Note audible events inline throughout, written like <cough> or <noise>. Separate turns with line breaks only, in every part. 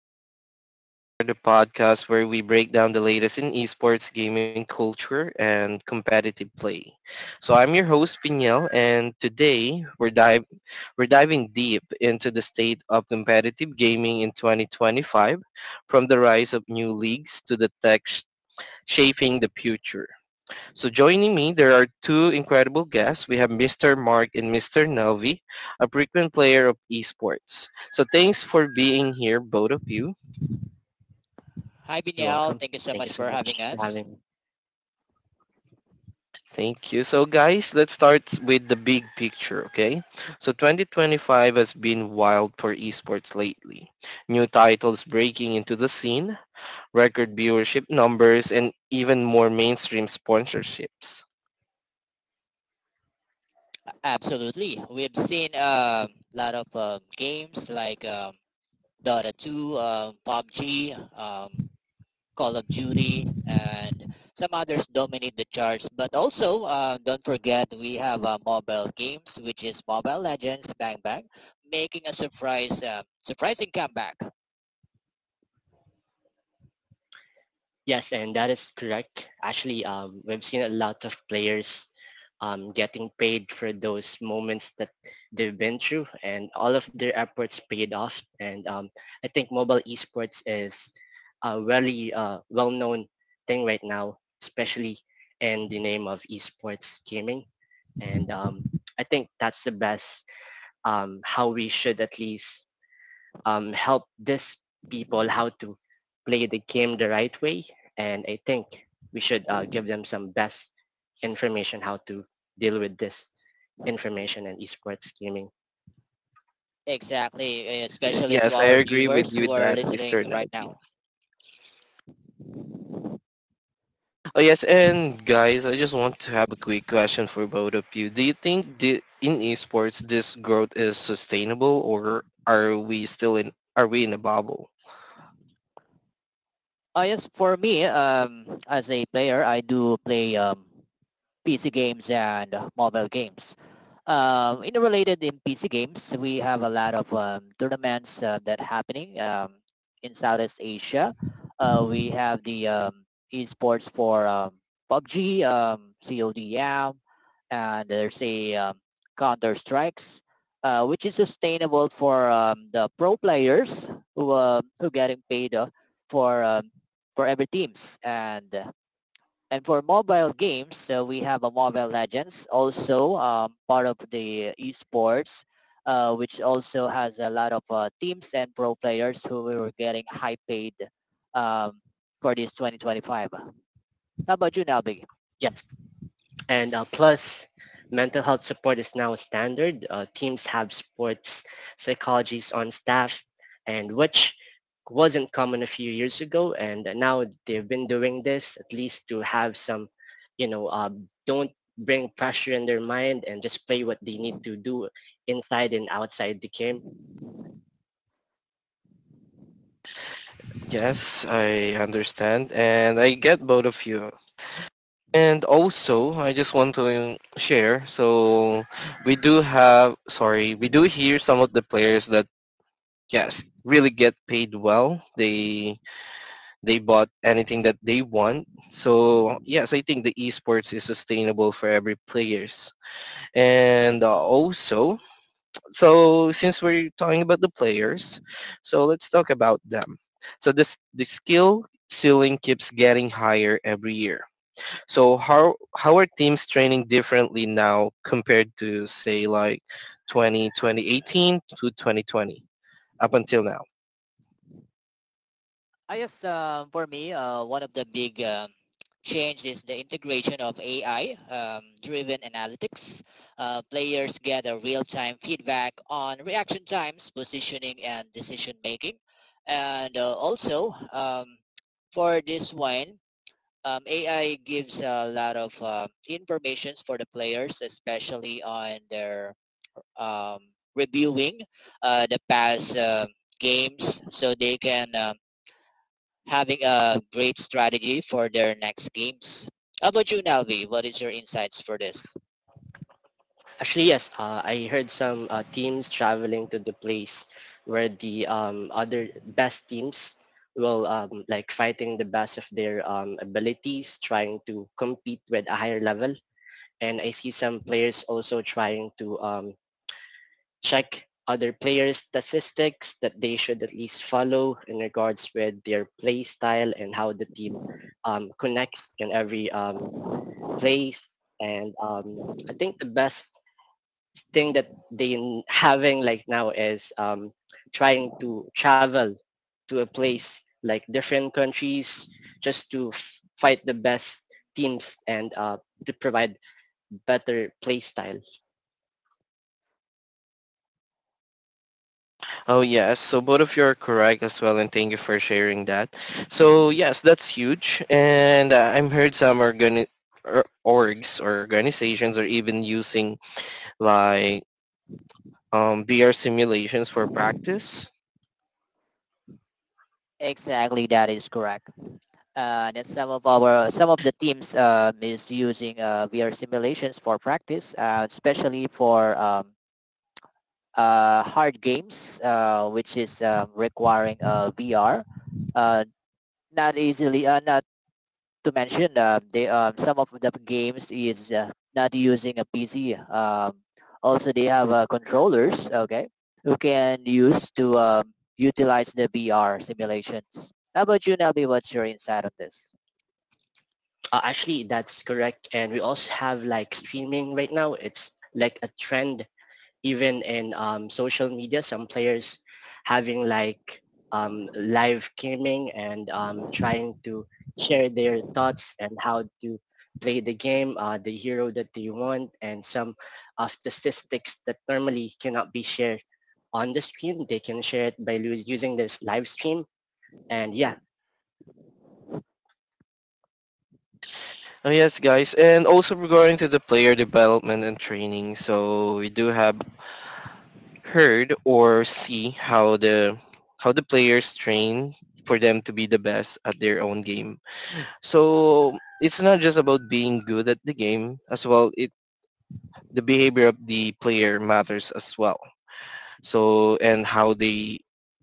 Welcome to Game On Air, the podcast where we break down the latest in esports gaming culture and competitive play. So I'm your host Pinyel, and today we're diving deep into the state of competitive gaming in 2025, from the rise of new leagues to the shaping the future. So joining me, there are two incredible guests. We have Mr. Mark and Mr. Nelvi, a frequent player of esports. So thanks for being here, both of you.
Hi,
You're
Binyal.
welcome.
Thank you so
Thank you
much
so
for having
much for
us.
having me.
Thank you. So guys, let's start with the big picture, okay? So 2025 has been wild for esports lately. New titles breaking into the scene, record viewership numbers, and even more mainstream sponsorships.
Absolutely. We've seen a lot of games like Dota 2, PUBG, Call of Duty, and some others dominate the charts. But also, don't forget, we have mobile games, which is Mobile Legends Bang Bang, making a surprising comeback.
Yes, and that is correct. Actually, we've seen a lot of players getting paid for those moments that they've been through, and all of their efforts paid off. And I think mobile esports is a really well-known thing right now, especially in the name of esports gaming. And I think that's the best how we should at least help these people how to play the game the right way. And I think we should give them some best information how to deal with this information and esports gaming.
Exactly, especially to
Yes, I
our
agree with
viewers
you
who
with
are
that, Mr.
listening right
Nelvi.
now.
Oh yes, and guys, I just want to have a quick question for both of you. Do you think the, in esports this growth is sustainable, or are we in a bubble?
Yes, for me, as a player, I do play PC games and mobile games. In PC games, we have a lot of tournaments that happening in Southeast Asia. We have the esports for PUBG, CODM, and there's a Counter Strikes, which is sustainable for the pro players who getting paid for um, for every teams and and for mobile games, so we have a Mobile Legends, also part of the esports, which also has a lot of teams and pro players who were getting high paid um, for this 2025. How about you now?
Yes, And plus, mental health support is now a standard. Teams have sports psychologists on staff, and which wasn't common a few years ago. And now they've been doing this at least to have some, you know, uh, don't bring pressure in their mind and just play what they need to do inside and outside the game.
Yes, I understand, and I get both of you. And also, I just want to share. So we do have, sorry, we do hear some of the players that yes really get paid well. They bought anything that they want. So yes, I think the esports is sustainable for every players. And also, so since we're talking about the players, so let's talk about them. So this the skill ceiling keeps getting higher every year. So how are teams training differently now compared to say like 20 2018 to 2020 up until now?
I guess for me, one of the big change is the integration of AI-driven analytics. Players gather real-time feedback on reaction times, positioning, and decision making. And for this one, AI gives a lot of informations for the players, especially on their um, reviewing the past games, so they can having a great strategy for their next games. How about you, Nelvi? What is your insights for this?
Actually, yes. I heard some teams traveling to the place where the other best teams will like fighting the best of their abilities, trying to compete with a higher level. And I see some players also trying to check other players' statistics that they should at least follow in regards with their play style and how the team connects in every place. And I think the best thing that having like now is trying to travel to a place like different countries just to fight the best teams and to provide better play style.
Oh yes, so both of you are correct as well, and thank you for sharing that. So yes, that's huge, and I'm heard some or orgs or organizations are even using like VR simulations for practice.
Exactly, that is correct. That some of the teams is using VR simulations for practice, especially for hard games, which is requiring VR. Uh, not to mention, they some of the games is not using a PC. Also, they have controllers, okay, who can use to utilize the VR simulations. How about you, Nelby? What's your insight on this?
Actually, that's correct. And we also have like streaming right now. It's like a trend even in social media, some players having like live gaming and trying to share their thoughts and how to play the game, the hero that they want, and some of the statistics that normally cannot be shared on the stream. They can share it using this live stream. And yeah,
Oh yes, guys, and also regarding to the player development and training, so we do have heard or see how the players train for them to be the best at their own game. So it's not just about being good at the game as well. It The behavior of the player matters as well. So and how they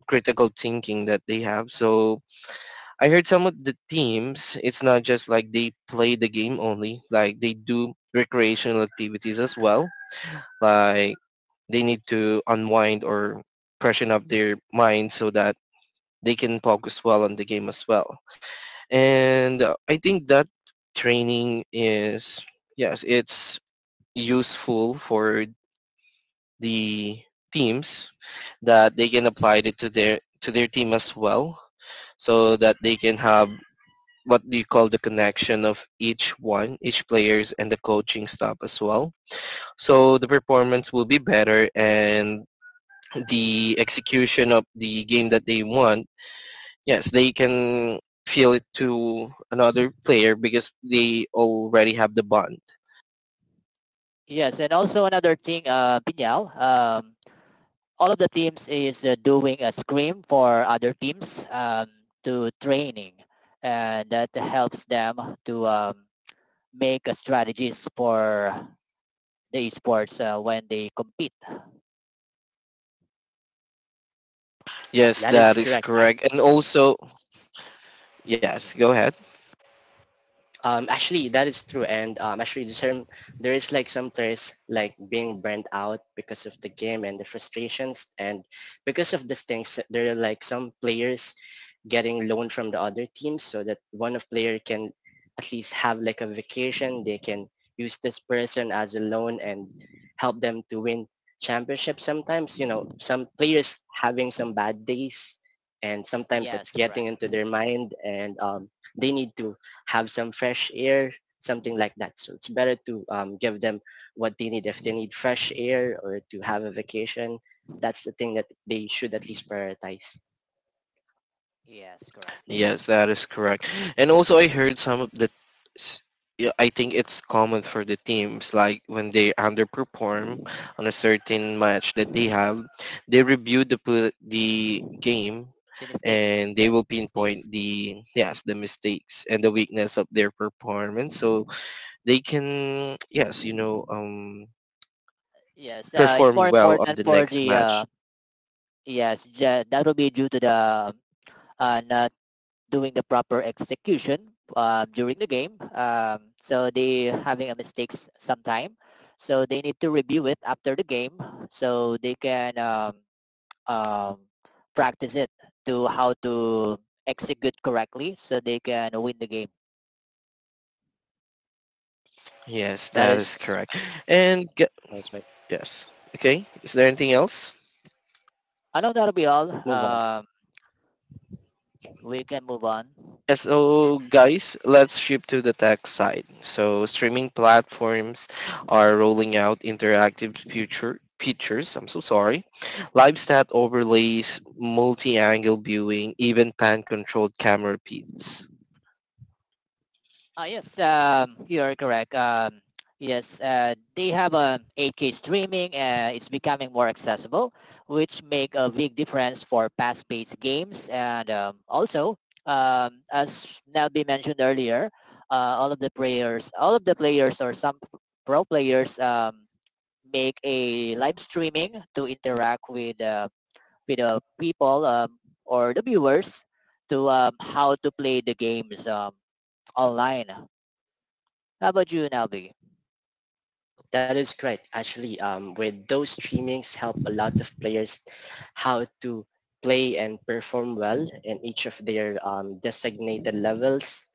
critical thinking that they have. So I heard some of the teams, it's not just like they play the game only, like they do recreational activities as well. Like they need to unwind or freshen up their mind so that they can focus well on the game as well. And I think that training is yes it's useful for the teams that they can apply it to their team as well, so that they can have what do you call the connection of each one each players and the coaching staff as well, so the performance will be better and the execution of the game that they want. Yes, they can feel it to another player because they already have the bond.
Yes, and also another thing, Pinyal, all of the teams is doing a scrim for other teams to training, and that helps them to make strategies for the esports when they compete.
Yes,
that
that
is
is
correct.
correct. And also, yes, go ahead.
Actually, that is true, and actually, the term, there is like some terms like being burnt out because of the game and the frustrations, and because of these things, there are like some players getting loan from the other teams so that one of player can at least have like a vacation. They can use this person as a loan and help them to win championship. Sometimes, you know, some players having some bad days and sometimes it's
Yes,
getting
correct.
into their mind and they need to have some fresh air, something like that. So it's better to give them what they need. If they need fresh air or to have a vacation, that's the thing that they should at least prioritize.
Yes, correct.
Yes, that is correct. And also, I heard some of s- yeah, I think it's common for the teams, like when they underperform on a certain match that they have, they review the game,
The mistakes.
and they
Yes,
will
the
pinpoint
mistakes.
the yes the mistakes and the weakness of their performance. So they can yes you know
Yes, it's
perform
more
well on
important
the
for
next
the
match.
that will be due to the not doing the proper execution during the game. So they having a mistakes sometime. So they need to review it after the game so they can um, practice it to how to execute correctly so they can win the game.
Yes,
That
that is
is
correct. and ge-
that's right.
yes. Okay, is there anything else?
I know that'll be all.
Move on.
We can move on.
Yes, so guys, let's shift to the tech side. So streaming platforms are rolling out interactive future features. I'm so sorry. Live stat overlays, multi-angle viewing, even pan-controlled camera feeds.
Yes, you are correct. Yes, they have a 8K streaming. It's becoming more accessible, which make a big difference for fast-paced games. And as Nelby mentioned earlier, all of the players or some pro players make a live streaming to interact with the people or the viewers to how to play the games online. How about you, Nelby?
That is correct. Actually, with those streamings help a lot of players how to play and perform well in each of their designated levels.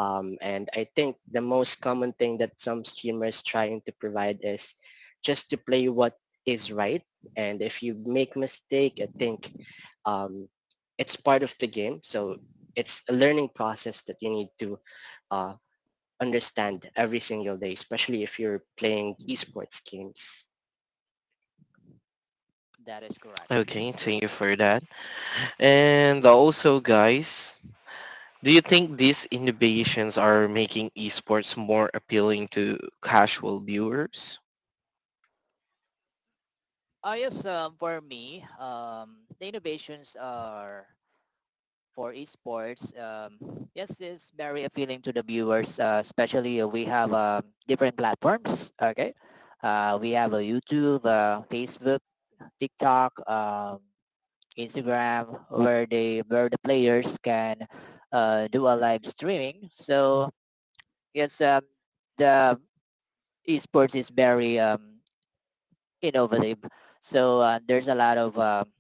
And I think the most common thing that some streamers trying to provide is just to play what is right. And if you make mistake, I think um, it's part of the game. So it's a learning process that you need to uh, understand every single day, especially if you're playing esports games.
That is correct.
Okay, thank you for that. And also, guys, do you think these innovations are making esports more appealing to casual viewers?
For me, the innovations are for esports. Yes, it's very appealing to the viewers, especially we have different platforms. Okay, we have a YouTube, Facebook, TikTok, Instagram, where the players can do a live streaming. So yes, the esports is very innovative. So there's a lot of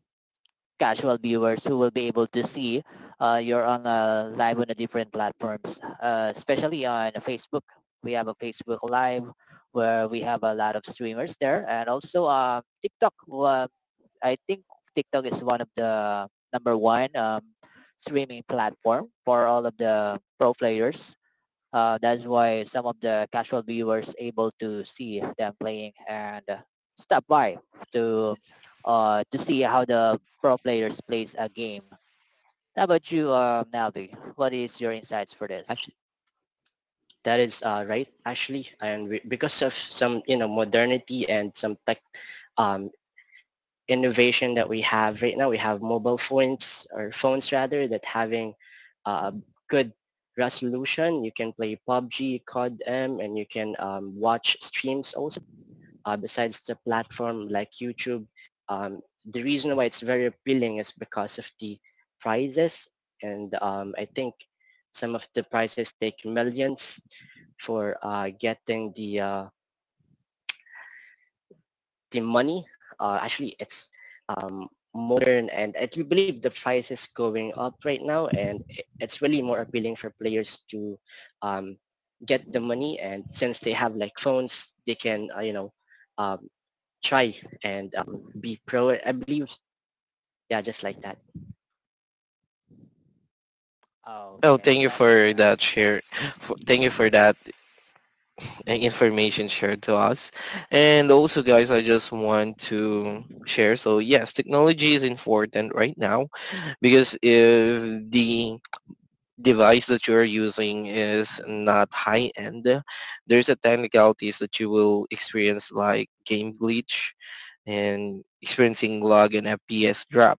casual viewers who will be able to see you're on live on the different platforms, especially on Facebook. We have a Facebook Live where we have a lot of streamers there, and also TikTok. I think TikTok is one of the number one streaming platform for all of the pro players. That's why some of the casual viewers able to see them playing and stop by to to see how the pro players plays a game. How about you, Melvi? What is your insights for this?
Actually, that is right. Actually, and because of some, you know, modernity and some tech um, innovation that we have right now. We have mobile phones or phones rather that having a good resolution. You can play PUBG, COD, and you can watch streams also. Besides the platform like YouTube, the reason why it's very appealing is because of the prizes, and I think some of the prizes take millions for getting the money. Actually, it's um, modern, and I do believe the price is going up right now, and it's really more appealing for players to um, get the money, and since they have like phones, they can, you know, um, try and be pro. I believe, yeah, just like that.
Oh,
Oh,
okay,
thank
that
you
is
for
correct.
that share. For, thank you for that information shared to us. And also, guys, I just want to share. So yes, technology is important right now because if the device that you are using is not high end, there's a technicalities that you will experience like game glitch and experiencing lag and FPS drop,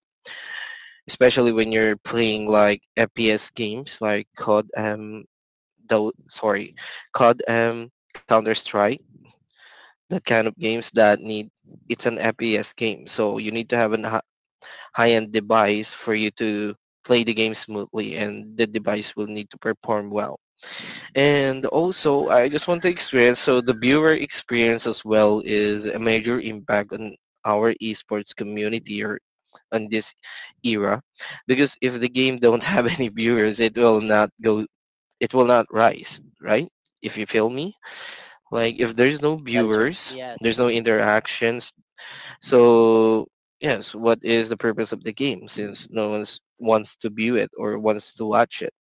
especially when you're playing like FPS games like COD um, though sorry, COD Counter Strike, the kind of games that need it's an FPS game, so you need to have a high-end device for you to play the game smoothly, and the device will need to perform well. And also, I just want to experience so the viewer experience as well is a major impact on our esports community or on this era, because if the game don't have <laughs> any viewers, it will not go, it will not rise, right? If you feel me. Like if there's no
That is right.
viewers,
Yes.
there's no interactions. So yes, what is the purpose of the game since no one's wants to view it or wants to watch it?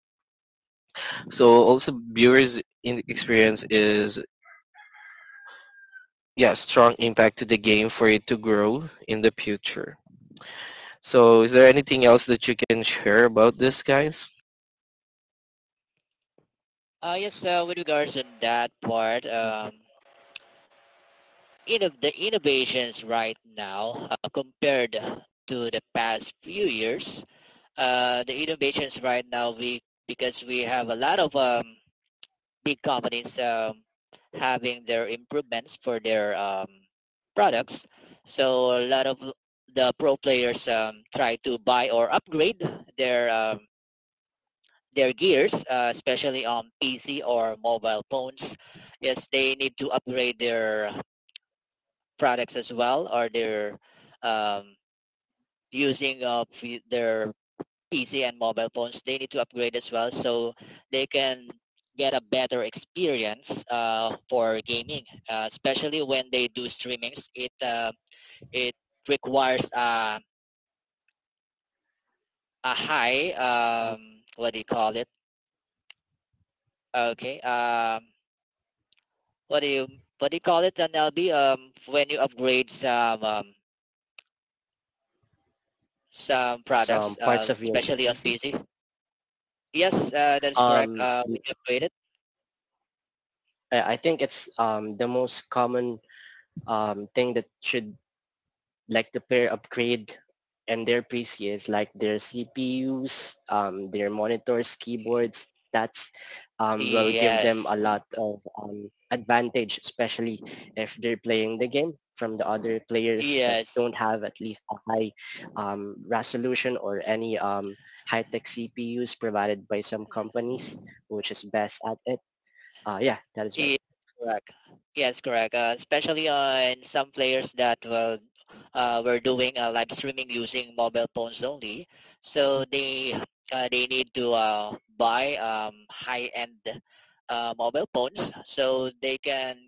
So also viewers in experience is yeah, strong impact to the game for it to grow in the future. So is there anything else that you can share about this guys?
Yes. With regards on that part, the innovations right now compared to the past few years, the innovations right now we because we have a lot of big companies having their improvements for their products. So a lot of the pro players try to buy or upgrade their um, their gears, especially on PC or mobile phones. Yes, they need to upgrade their products as well, or their using of their PC and mobile phones, they need to upgrade as well so they can get a better experience for gaming, especially when they do streamings. It requires a high what do you call it? Okay, what do you what do you call it? An LB when you upgrade some products,
Some parts of your
especially on
PC.
PC. Yes, that is correct.
Um,
We upgraded.
I think it's the most common thing that should like the pair upgrade and their PCs, like their CPUs, their monitors, keyboards, that's will give them
Yes,
a lot of advantage, especially if they're playing the game from the other players that
yes.
don't have at least a high resolution or any high-tech CPUs provided by some companies, which is best at it. Yeah, that is right.
Yes, correct. Yes, correct. Especially on some players that well, were doing live streaming using mobile phones only, so they need to buy high-end mobile phones so they can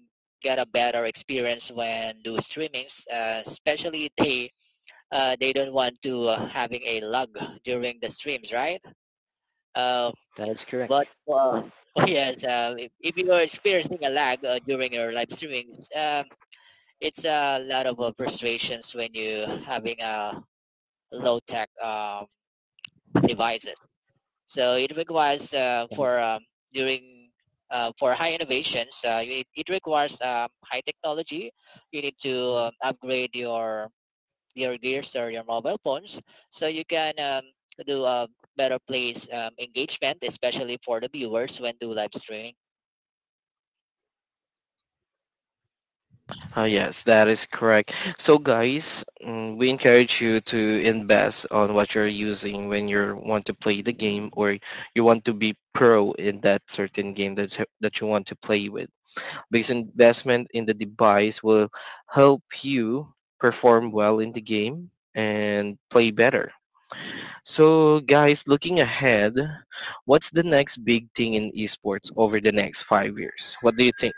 get a better experience when do streamings. Especially they don't want to having a lag during the streams, right? Um,
That is correct.
but <laughs> oh yes, if you are experiencing a lag during your live streamings, it's a lot of frustrations when you having a low tech devices. So it requires
That is
during for high innovations, you it requires high technology. You need to upgrade your gears or your mobile phones so you can do a better place engagement, especially for the viewers when do live streaming.
Oh, yes, that is correct. So, guys, we encourage you to invest on what you're using when you want to play the game or you want to be pro in that certain game that you want to play with. Because investment in the device will help you perform well in the game and play better. So, guys, looking ahead, what's the next big thing in esports over the next 5 years? What do you think?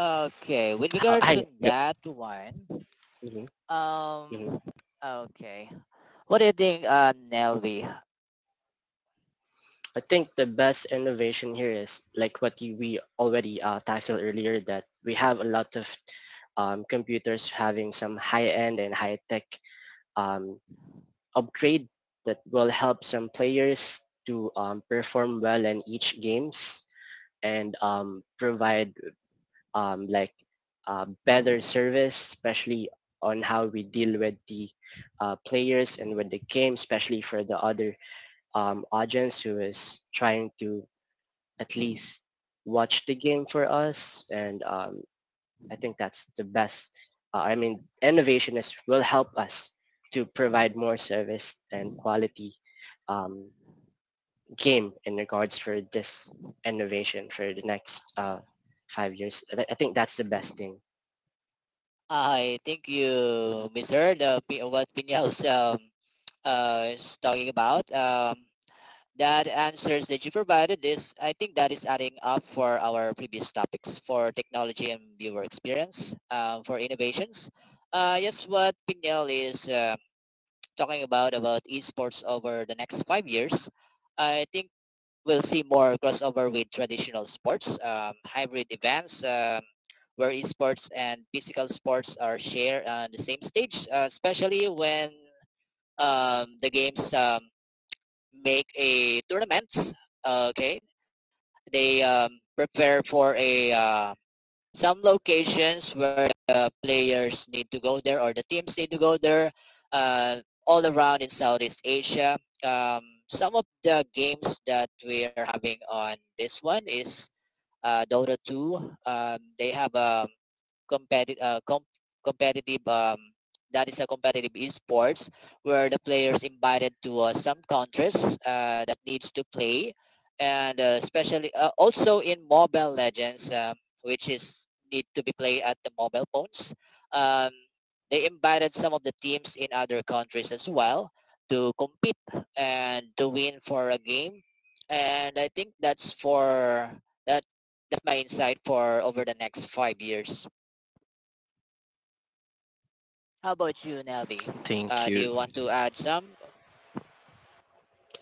Okay, with
how
regards to
I.
Yeah,
that one,
Mhm,
um,
mhm.
okay, what do you think, Nelvi?
I think the best innovation here is like what you, we already tackled earlier, that we have a lot of computers having some high-end and high-tech um, upgrade that will help some players to perform well in each games and provide like better service, especially on how we deal with the players and with the game, especially for the other audience who is trying to at least watch the game for us. And I think that's the best. I mean, innovationists will help us to provide more service and quality um, game in regards for this innovation for the next 5 years. I think that's the best thing.
I think you misheard what Pinel's is talking about. That answers that you provided is, I think that is adding up for our previous topics for technology and viewer experience, for innovations. Yes, what Pinel is talking about esports over the next 5 years, I think we'll see more crossover with traditional sports, hybrid events, where esports and physical sports are shared on the same stage, especially when the games make a tournament. Okay, they prepare for a some locations where the players need to go there or the teams need to go there uh, all around in Southeast Asia. Um, some of the games that we are having on this one is Dota 2. They have a competitive, uh, com- competitive that is a competitive esports where the players invited to some countries that needs to play and especially also in Mobile Legends. Which is need to be played at the mobile phones. Um, they invited some of the teams in other countries as well to compete and to win for a game. And I think that's for that. That's my insight for over the next 5 years. How about you, Nelby?
thank
Do you
you.
want to add some?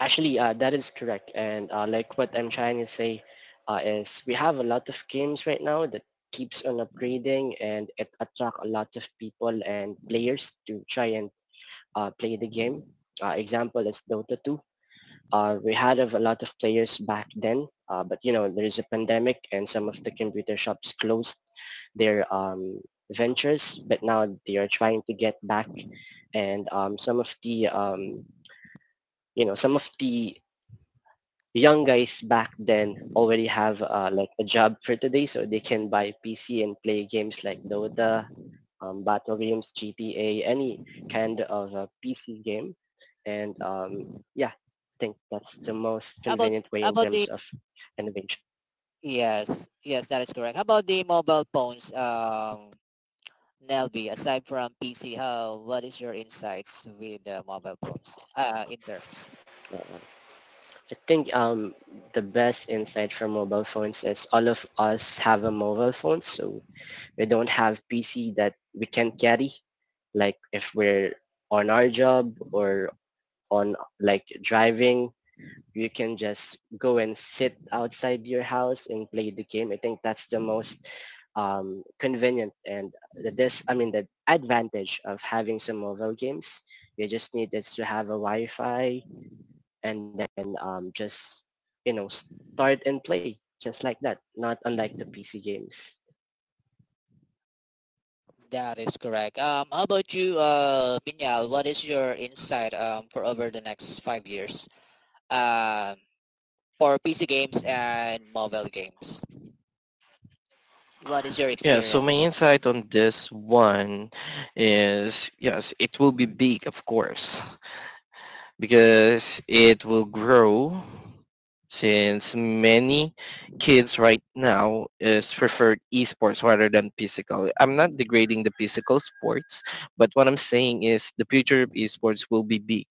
Actually, that is correct. And like what I'm trying to say is we have a lot of games right now that keeps on upgrading, and it attract a lot of people and players to try and play the game. Example is Dota 2. We had a lot of players back then, but you know there is a pandemic, and some of the computer shops closed their ventures. But now they are trying to get back, and some of the, you know, some of the young guys back then already have like a job for today, so they can buy PC and play games like Dota, Battle games, GTA, any kind of a PC game. And yeah, I think that's the most
How about
convenient way in
how about
terms
the
of innovation.
yes, yes, that is correct. How about the mobile phones, Nelby, aside from PC, how what is your insights with mobile phones in terms?
Uh, I think the best insight from mobile phones is all of us have a mobile phone, so we don't have PC that we can carry. Like if we're on our job or on like driving, you can just go and sit outside your house and play the game. I think that's the most convenient and the this I mean the advantage of having some mobile games. You just need is to have a Wi-Fi and then just, you know, start and play just like that. Not unlike the PC games.
That is correct. How about you, Binyal? What is your insight for over the next 5 years um, for PC games and mobile games? What is your
Yeah, so my
experience?
insight on this one is yes, it will be big, of course, because it will grow since many kids right now is preferred esports rather than physical. I'm not degrading the physical sports, but what I'm saying is the future of esports will be big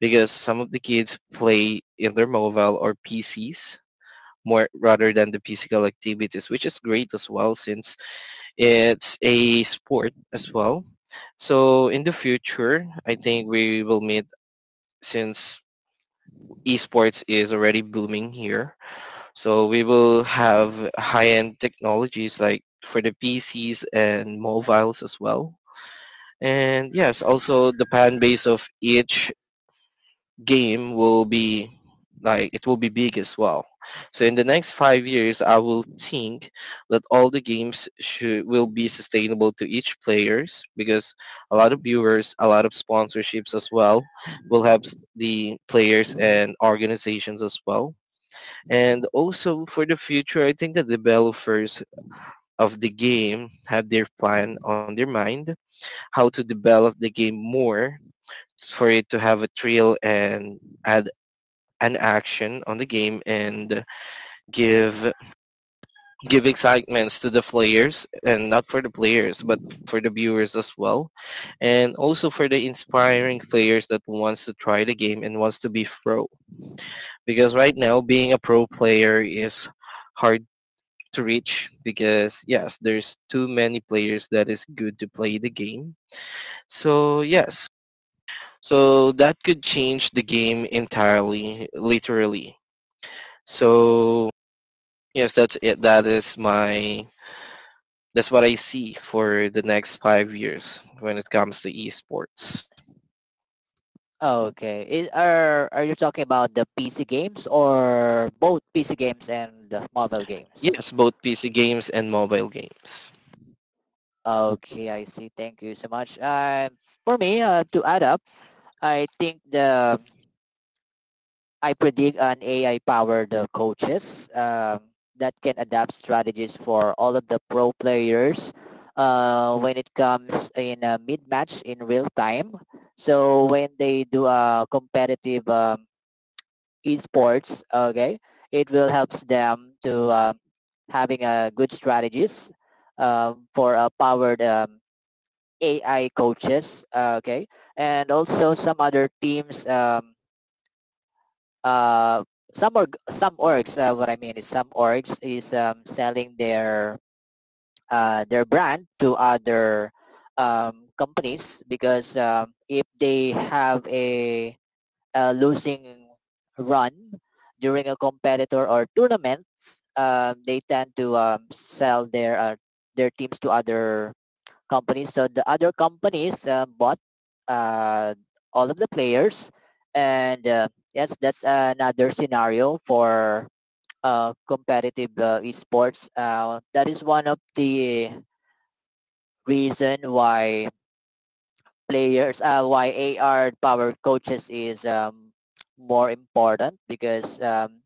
because some of the kids play in their mobile or PCs more rather than the physical activities, which is great as well since it's a sport as well. So in the future, I think we will meet since esports is already booming here. So we will have high-end technologies like for the PCs and mobiles as well. And yes, also the fan base of each game will be like it will be big as well. So in the next 5 years, I will think that all the games should will be sustainable to each players because a lot of viewers, a lot of sponsorships as well, will help the players and organizations as well. And also for the future, I think the developers of the game have their plan on their mind how to develop the game more for it to have a thrill and add an action on the game and give give excitements to the players and not for the players but for the viewers as well, and also for the inspiring players that wants to try the game and wants to be pro, because right now being a pro player is hard to reach because yes there's too many players that is good to play the game. So yes, so that could change the game entirely literally, so yes, that's it. That is my that's what I see for the next 5 years when it comes to esports.
Okay. Are you talking about the PC games or both PC games and the mobile games?
Yes, both PC games and mobile games.
Okay, I see. Thank you so much. For me, to add up, I think the I predict an AI-powered coaches that can adapt strategies for all of the pro players when it comes in a mid-match in real time. So when they do a competitive esports. Okay, it will helps them to having a good strategies for powered AI coaches. Okay, and also some other teams. Uh, some orgs. What I mean is some orgs is selling their brand to other companies because if they have a losing run during a competitor or tournaments, they tend to sell their teams to other companies. So the other companies bought uh, all of the players, and yes, that's another scenario for competitive esports. That is one of the reason why players, uh, why AR powered coaches is more important because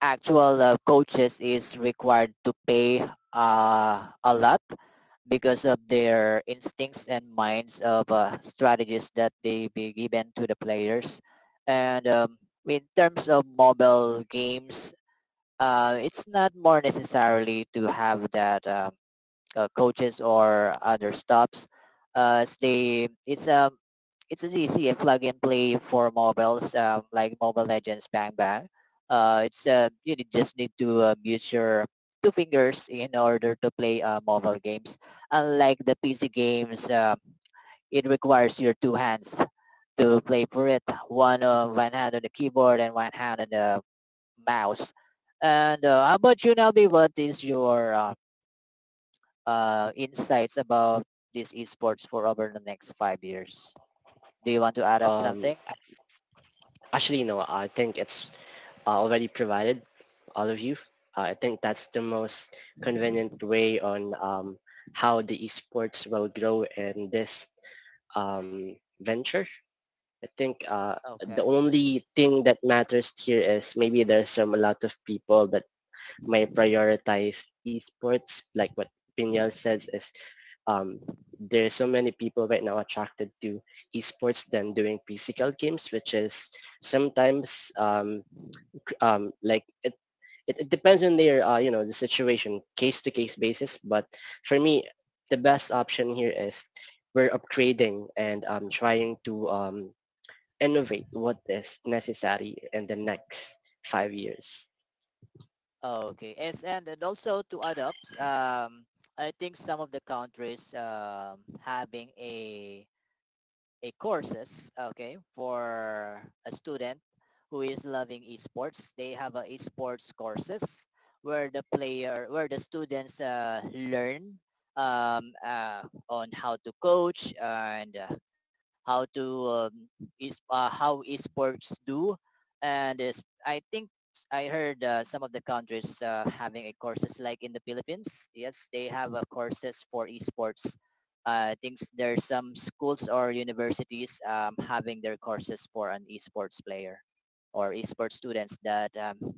actual coaches is required to pay a lot because of their instincts and minds of strategies that they be given to the players. And in terms of mobile games, it's not more necessarily to have that coaches or other stops. They it's as easy a plug and play for mobiles like Mobile Legends Bang Bang. It's you just need to use your two fingers in order to play mobile games. Unlike the PC games, it requires your two hands to play for it. One hand on the keyboard and one hand on the mouse. And how about you, Nelby? What is your insights about this esports for over the next 5 years. Do you want to add up
Um,
something?
actually, no. I think it's already provided, all of you. I think that's the most convenient way on how the esports will grow in this venture. I think the
Okay.
only thing that matters here is maybe there's some a lot of people that might prioritize esports, like what Pinyal says is um, there's so many people right now attracted to esports than doing physical games, which is sometimes like it depends on their, you know, the situation case to case basis, but for me the best
Yes.
option here is we're upgrading and trying to innovate what is necessary in the next 5 years.
Okay. Yes, and also to add up, I think some of the countries having a courses okay for a student who is loving esports. They have a esports courses where the students learn um, uh, on how to coach and how to is how esports do, and is I think I heard some of the countries having a courses like in the Philippines. Yes, they have courses for esports. I think there's some schools or universities having their courses for an esports player or esports students that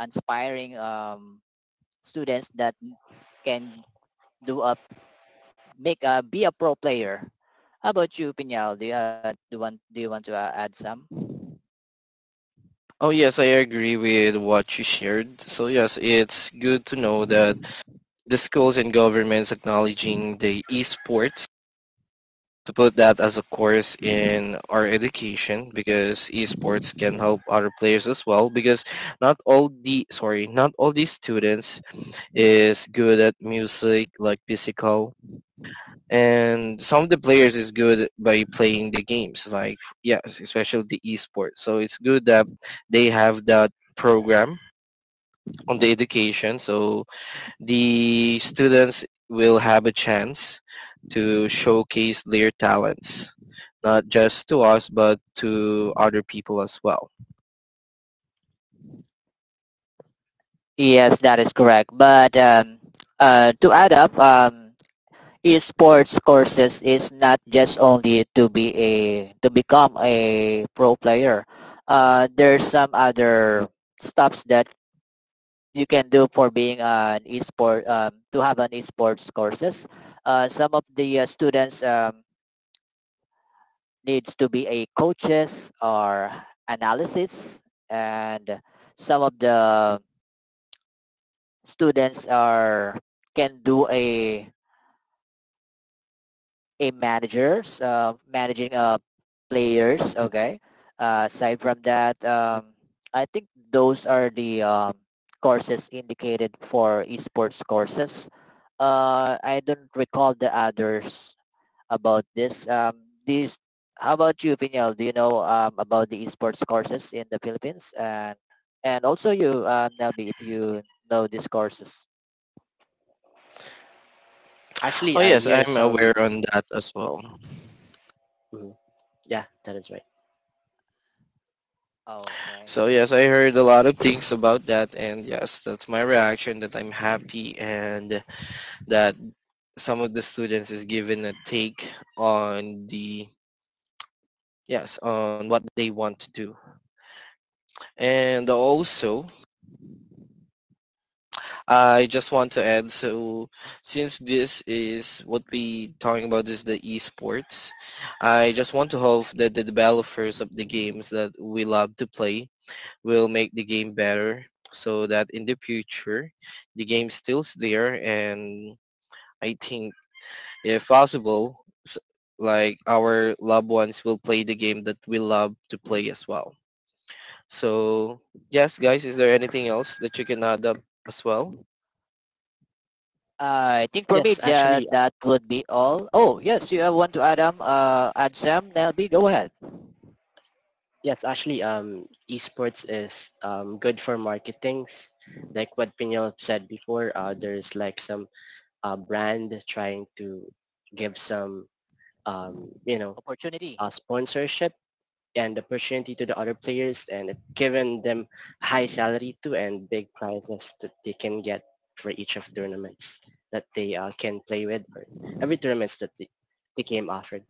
inspiring students that can do a make be a pro player. How about you, Pinyal? Do you want to add some?
Oh yes, I agree with what you shared. So yes, it's good to know that the schools and governments acknowledging the esports to put that as a course in our education, because esports can help other players as well because not all the sorry not all the students is good at music, like physical, and some of the players is good by playing the games, like yes, especially the esports. So it's good that they have that program on the education, so the students will have a chance to showcase their talents not just to us but to other people as well.
Yes, that is correct. But to add up, esports courses is not just only to become a pro player. There's some other stuffs that you can do for being an esport to have an esports courses. Some of the students needs to be a coaches or analysis and some of the students are can do a managers managing players, okay? Aside from that, I think those are the courses indicated for esports courses. I don't recall the others about this. How about you, Pinyal? Do you know about the esports courses in the Philippines? And also you, Nelby, if you know these courses.
Oh
Actually, I
yes,
hear
I'm
some.
aware on that as well.
Mhm. Yeah, that is right.
Okay.
So yes, I heard a lot of things about that, and yes, that's my reaction. That I'm happy, and that some of the students is given a take on the yes on what they want to do. And also, I just want to add. So since this is what we talking about is the esports, I just want to hope that the developers of the games that we love to play will make the game better so that in the future the game stills there and I think if possible like our loved ones will play the game that we love to play as well. So yes guys, is there anything else that you can add up as well?
I think for me,
Yes,
yeah,
actually.
that would be all. Oh, yes, you have one to Adam, add Sam, Nelby, go ahead.
Yes, actually, esports is good for marketings. Like what Pinel said before, there's like some brand trying to give some, you know,
Opportunity.
sponsorship and opportunity to the other players, and giving them high salary too and big prizes that they can get for each of tournaments that they can play with, or every tournaments that the game offered.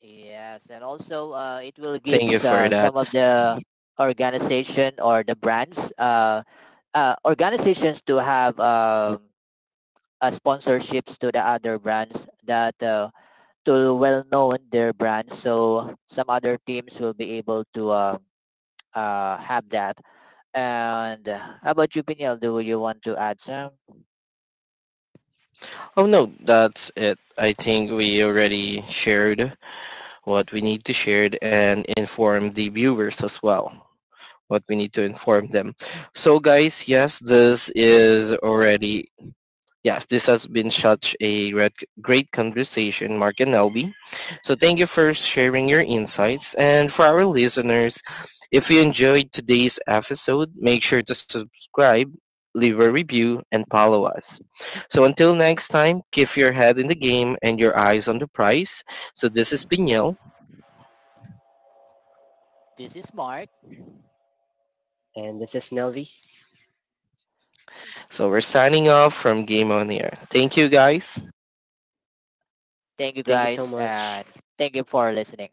Yes, and also it will give
Thank you for that.
some of the organization or the brands, organizations to have sponsorships to the other brands that to well known their brands so some other teams will be able to have that and how about you, Piniel, do you want to add some?
Oh no, that's it. I think we already shared what we need to share and inform the viewers as well. What we need to inform them. So guys, yes, this is already yes, this has been such a great conversation, Mark and Elby. So thank you for sharing your insights. And for our listeners, if you enjoyed today's episode, make sure to subscribe, leave a review, and follow us. So until next time, keep your head in the game and your eyes on the prize. So this is Pinyel,
This is Mark.
And this is Nelvi.
so we're signing off from Game on the Air. Thank you guys.
Thank you
Thank you so
guys
much.
and thank you for listening.